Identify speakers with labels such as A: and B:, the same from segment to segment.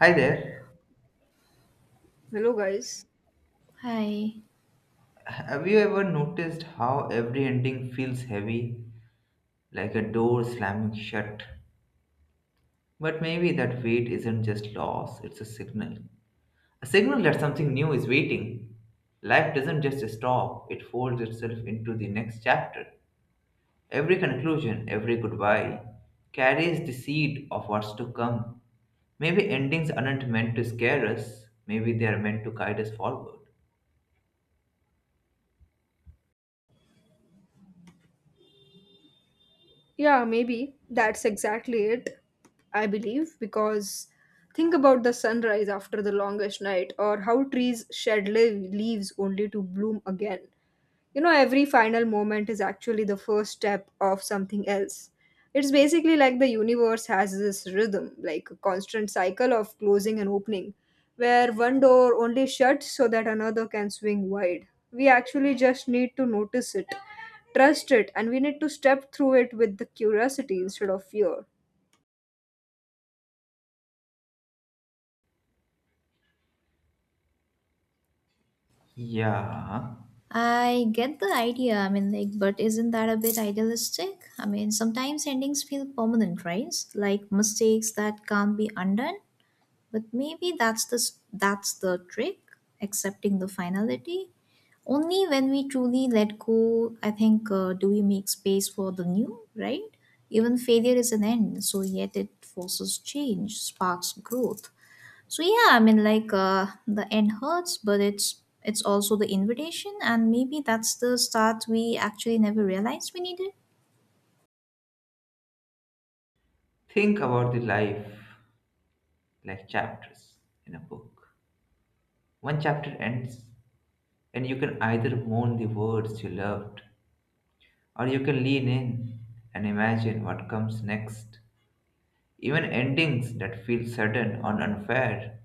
A: Hi there.
B: Hello, guys.
C: Hi.
A: Have you ever noticed how every ending feels heavy, like a door slamming shut? But maybe that weight isn't just loss, it's a signal. A signal that something new is waiting. Life doesn't just stop, it folds itself into the next chapter. Every conclusion, every goodbye, carries the seed of what's to come. Maybe endings aren't meant to scare us, maybe they are meant to guide us forward.
B: Yeah, maybe that's exactly it, I believe, because think about the sunrise after the longest night or how trees shed leaves only to bloom again. You know, every final moment is actually the first step of something else. It's basically like the universe has this rhythm, like a constant cycle of closing and opening, where one door only shuts so that another can swing wide. We actually just need to notice it, trust it, and we need to step through it with the curiosity instead of fear.
A: Yeah.
C: I get the idea. I mean, like, but isn't that a bit idealistic? I mean, sometimes endings feel permanent, right? Like mistakes that can't be undone. But maybe that's that's the trick, accepting the finality. Only when we truly let go, I think, do we make space for the new, right? Even failure is an end, so yet it forces change, sparks growth. So yeah, I mean like the end hurts, but it's also the invitation, and maybe that's the start we actually never realized we needed.
A: Think about the life, like chapters in a book. One chapter ends, and you can either mourn the words you loved, or you can lean in and imagine what comes next. Even endings that feel sudden or unfair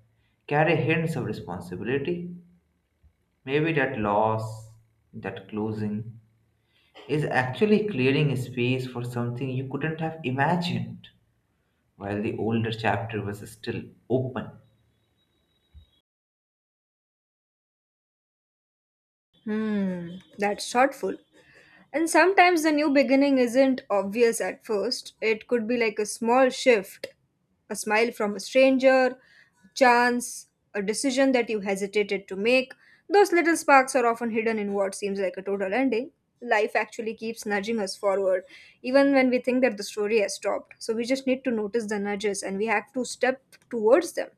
A: carry hints of responsibility. Maybe that loss, that closing, is actually clearing a space for something you couldn't have imagined while the older chapter was still open.
B: Hmm, that's thoughtful. And sometimes the new beginning isn't obvious at first. It could be like a small shift, a smile from a stranger, a chance, a decision that you hesitated to make. Those little sparks are often hidden in what seems like a total ending. Life actually keeps nudging us forward, even when we think that the story has stopped. So we just need to notice the nudges and we have to step towards them.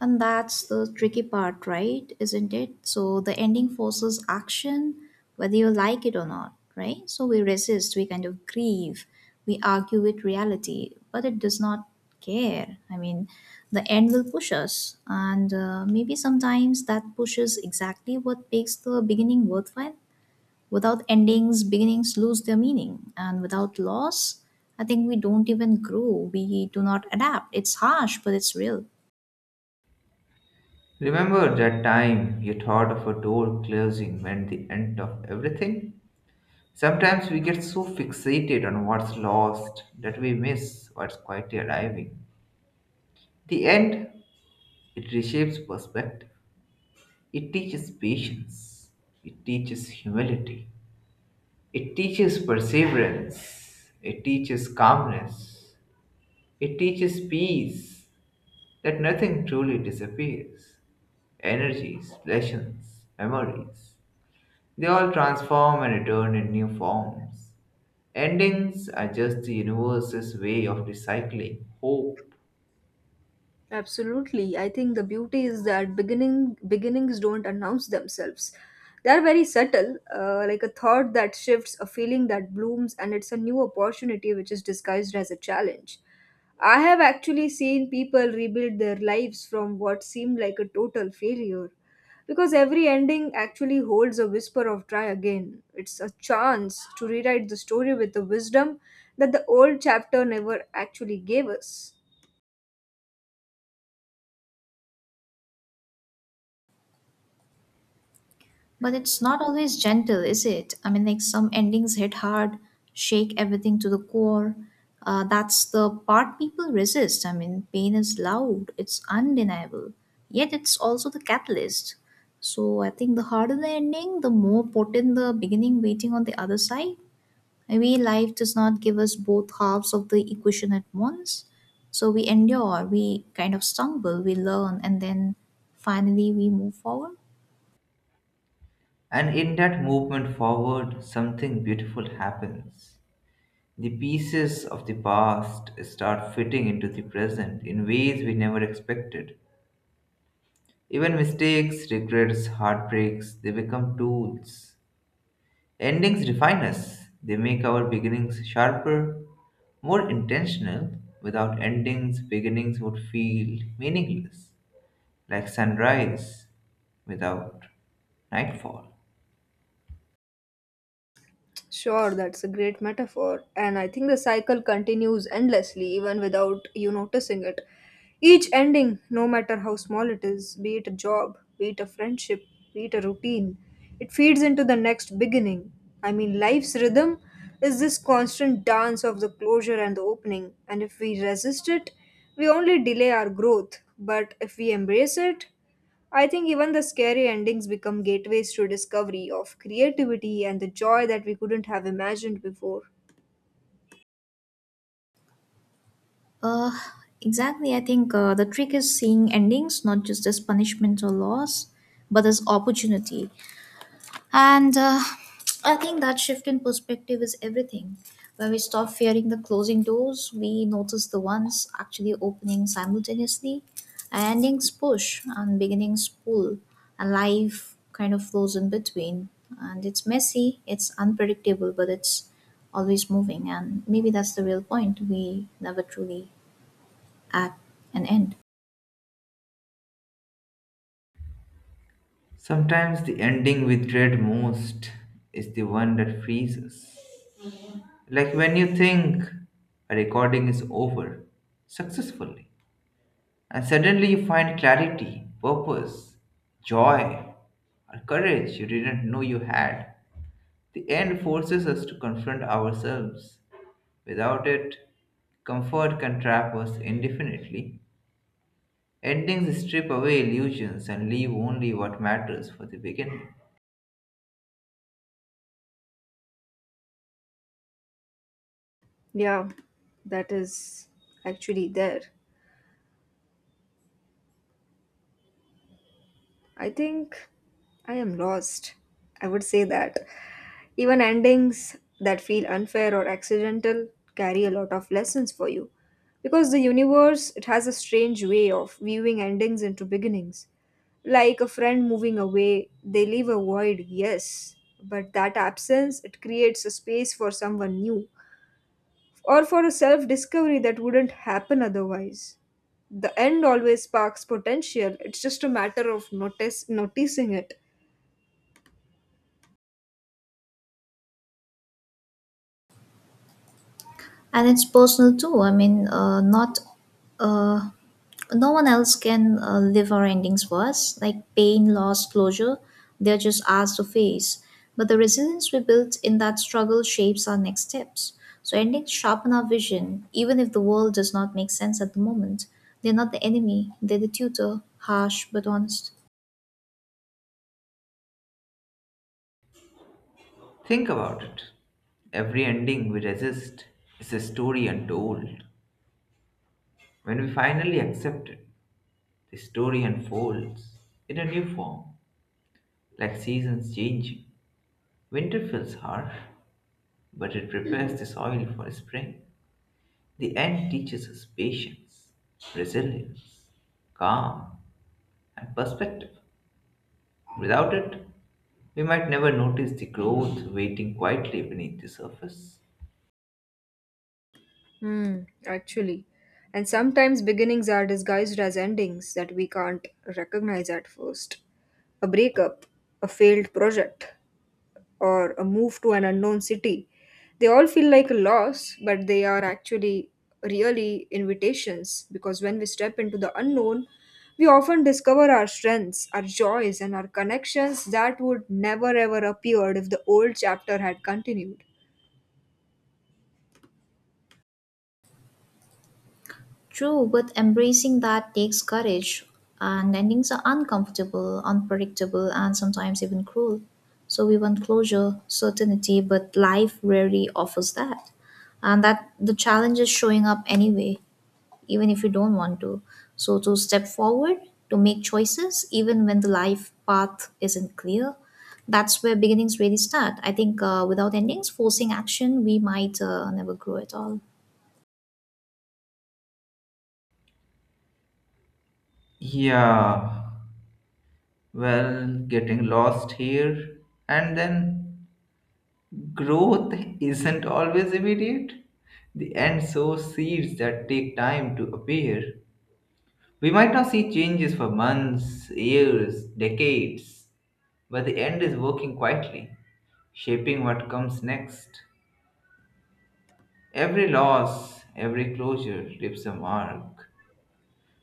C: And that's the tricky part, right? Isn't it? So the ending forces action, whether you like it or not, right? So we resist, we kind of grieve, we argue with reality, but it does not care. I mean, the end will push us, and maybe sometimes that pushes exactly what makes the beginning worthwhile. Without endings, beginnings lose their meaning. And without loss, I think we don't even grow. We do not adapt. It's harsh, but it's real.
A: Remember that time you thought of a door closing meant the end of everything? Sometimes we get so fixated on what's lost that we miss what's quietly arriving. The end, it reshapes perspective. It teaches patience. It teaches humility. It teaches perseverance. It teaches calmness. It teaches peace that nothing truly disappears. Energies, passions, memories. They all transform and return in new forms. Endings are just the universe's way of recycling hope.
B: Absolutely. I think the beauty is that beginnings don't announce themselves. They are very subtle, like a thought that shifts, a feeling that blooms, and it's a new opportunity which is disguised as a challenge. I have actually seen people rebuild their lives from what seemed like a total failure. Because every ending actually holds a whisper of try again. It's a chance to rewrite the story with the wisdom that the old chapter never actually gave us.
C: But it's not always gentle, is it? I mean, like some endings hit hard, shake everything to the core. That's the part people resist. I mean, pain is loud, it's undeniable, yet it's also the catalyst. So I think the harder the ending, the more potent the beginning waiting on the other side. Maybe life does not give us both halves of the equation at once. So we endure, we kind of stumble, we learn, and then finally we move forward.
A: And in that movement forward, something beautiful happens. The pieces of the past start fitting into the present in ways we never expected. Even mistakes, regrets, heartbreaks, they become tools. Endings refine us. They make our beginnings sharper, more intentional. Without endings, beginnings would feel meaningless, like sunrise without nightfall.
B: Sure, that's a great metaphor. And I think the cycle continues endlessly even without you noticing it. Each ending, no matter how small it is, be it a job, be it a friendship, be it a routine, it feeds into the next beginning. I mean, life's rhythm is this constant dance of the closure and the opening. And if we resist it, we only delay our growth. But if we embrace it, I think even the scary endings become gateways to discovery of creativity and the joy that we couldn't have imagined before.
C: Uh, exactly. I think the trick is seeing endings not just as punishment or loss, but as opportunity. And I think that shift in perspective is everything. When we stop fearing the closing doors, we notice the ones actually opening simultaneously. Endings push and beginnings pull, and life kind of flows in between. And it's messy, it's unpredictable, but it's always moving. And maybe that's the real point. We never truly at an end.
A: Sometimes the ending we dread most is the one that frees us. Like when you think a recording is over successfully, and suddenly you find clarity, purpose, joy, or courage you didn't know you had. The end forces us to confront ourselves. Without it, comfort can trap us indefinitely. Endings strip away illusions and leave only what matters for the beginning.
B: Yeah, that is actually there. I think I am lost. I would say that. Even endings that feel unfair or accidental carry a lot of lessons for you. Because the universe, it has a strange way of viewing endings into beginnings. Like a friend moving away, they leave a void, yes, but that absence, it creates a space for someone new or for a self discovery that wouldn't happen otherwise. The end always sparks potential, it's just a matter of noticing it.
C: And it's personal too. I mean not uh, no one else can live our endings for us, like pain, loss, closure, they're just ours to face. But the resilience we built in that struggle shapes our next steps. So endings sharpen our vision, even if the world does not make sense at the moment. They're not the enemy, they're the tutor, harsh but honest.
A: Think about it. Every ending we resist is a story untold. When we finally accept it, the story unfolds in a new form, like seasons changing. Winter feels harsh, but it prepares the soil for spring. The end teaches us patience, resilience, calm, and perspective. Without it, we might never notice the growth waiting quietly beneath the surface.
B: Hmm, actually. And sometimes beginnings are disguised as endings that we can't recognize at first. A breakup, a failed project, or a move to an unknown city. They all feel like a loss, but they are actually really invitations because when we step into the unknown, we often discover our strengths, our joys, and our connections that would never ever appeared if the old chapter had continued.
C: True, but embracing that takes courage, and endings are uncomfortable, unpredictable, and sometimes even cruel. So we want closure, certainty, but life rarely offers that. And that the challenge is showing up anyway, even if you don't want to. So to step forward, to make choices, even when the life path isn't clear, that's where beginnings really start. I think without endings forcing action, we might never grow at all.
A: Yeah, well, getting lost here and then growth isn't always immediate. The end sows seeds that take time to appear. We might not see changes for months, years, decades, but the end is working quietly, shaping what comes next. Every loss, every closure leaves a mark,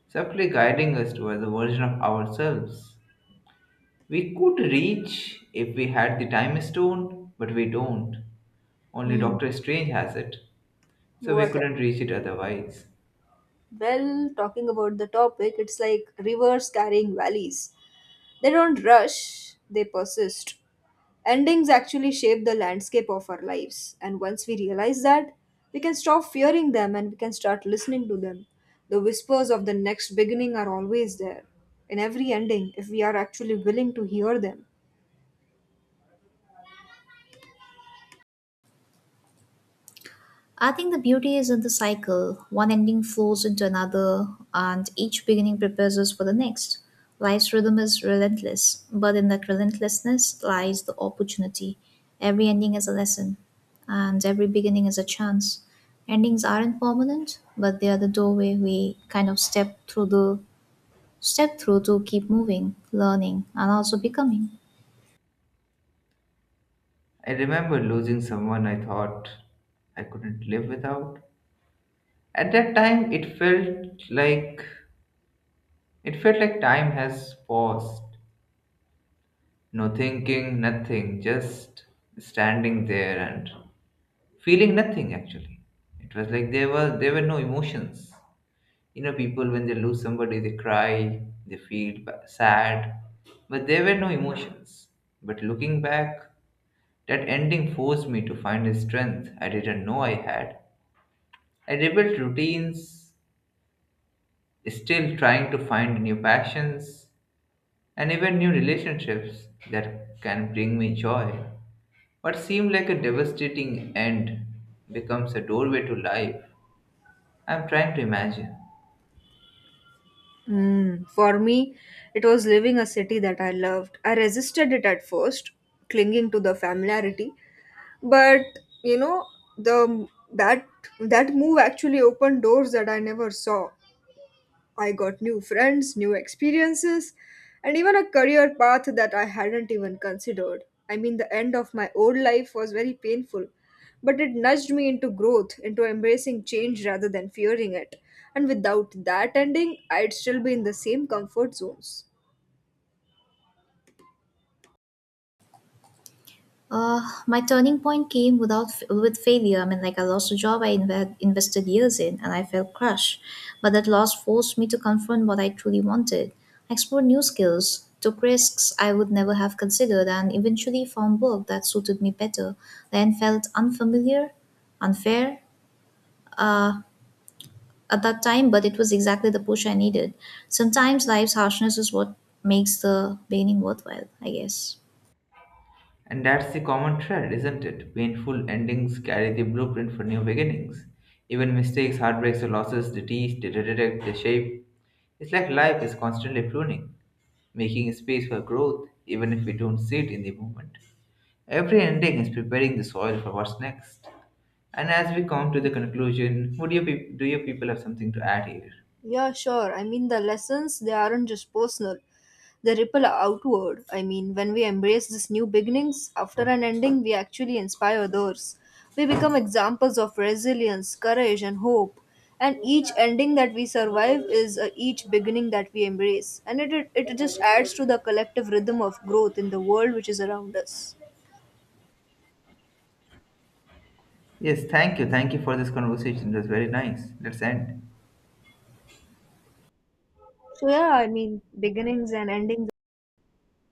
A: subtly guiding us towards a version of ourselves we could reach if we had the time stone, but we don't. Only
B: Hmm.
A: Doctor Strange has it, so we
B: What?
A: couldn't reach it otherwise.
B: Well, talking about the topic, it's like rivers carrying valleys. They don't rush, they persist. Endings actually shape the landscape of our lives, and once we realize that, we can stop fearing them and we can start listening to them. The whispers of the next beginning are always there in every ending if we are actually willing to hear them.
C: I think the beauty is in the cycle. One ending flows into another, and each beginning prepares us for the next. Life's rhythm is relentless, but in that relentlessness lies the opportunity. Every ending is a lesson, and every beginning is a chance. Endings aren't permanent, but they are the doorway we kind of step through to keep moving, learning, and also becoming.
A: I remember losing someone I thought I couldn't live without. At that time, it felt like time has paused. No thinking, nothing, just standing there and feeling nothing actually. It was like there were no emotions. You know, people when they lose somebody, they cry, they feel sad, but there were no emotions. But looking back, that ending forced me to find a strength I didn't know I had. I rebuilt routines, still trying to find new passions and even new relationships that can bring me joy. What seemed like a devastating end becomes a doorway to life. I'm trying to imagine.
B: Mm, for me, it was leaving a city that I loved. I resisted it at first, clinging to the familiarity. But you know, the that that move actually opened doors that I never saw. I got new friends, new experiences, and even a career path that I hadn't even considered. I mean, the end of my old life was very painful, but it nudged me into growth, into embracing change rather than fearing it. And without that ending, I'd still be in the same comfort zones.
C: Uh, my turning point came without with failure. I mean, like I lost a job I invested years in, and I felt crushed. But that loss forced me to confront what I truly wanted. I explored new skills, took risks I would never have considered, and eventually found work that suited me better. Then felt unfamiliar, unfair. Uh, at that time, but it was exactly the push I needed. Sometimes life's harshness is what makes the beginning worthwhile, I guess.
A: And that's the common thread, isn't it? Painful endings carry the blueprint for new beginnings. Even mistakes, heartbreaks, or losses, they teach, they redirect, they shape. It's like life is constantly pruning, making space for growth, even if we don't see it in the moment. Every ending is preparing the soil for what's next. And as we come to the conclusion, would you peop do you people have something to add here?
B: Yeah, sure. I mean, the lessons, they aren't just personal, they ripple outward. I mean, when we embrace these new beginnings, after an ending, we actually inspire others. We become examples of resilience, courage, and hope. And each ending that we survive is, each beginning that we embrace. And it just adds to the collective rhythm of growth in the world which is around us.
A: Yes, thank you. Thank you for this conversation. It was very nice. Let's end.
B: So, yeah, I mean, beginnings and endings.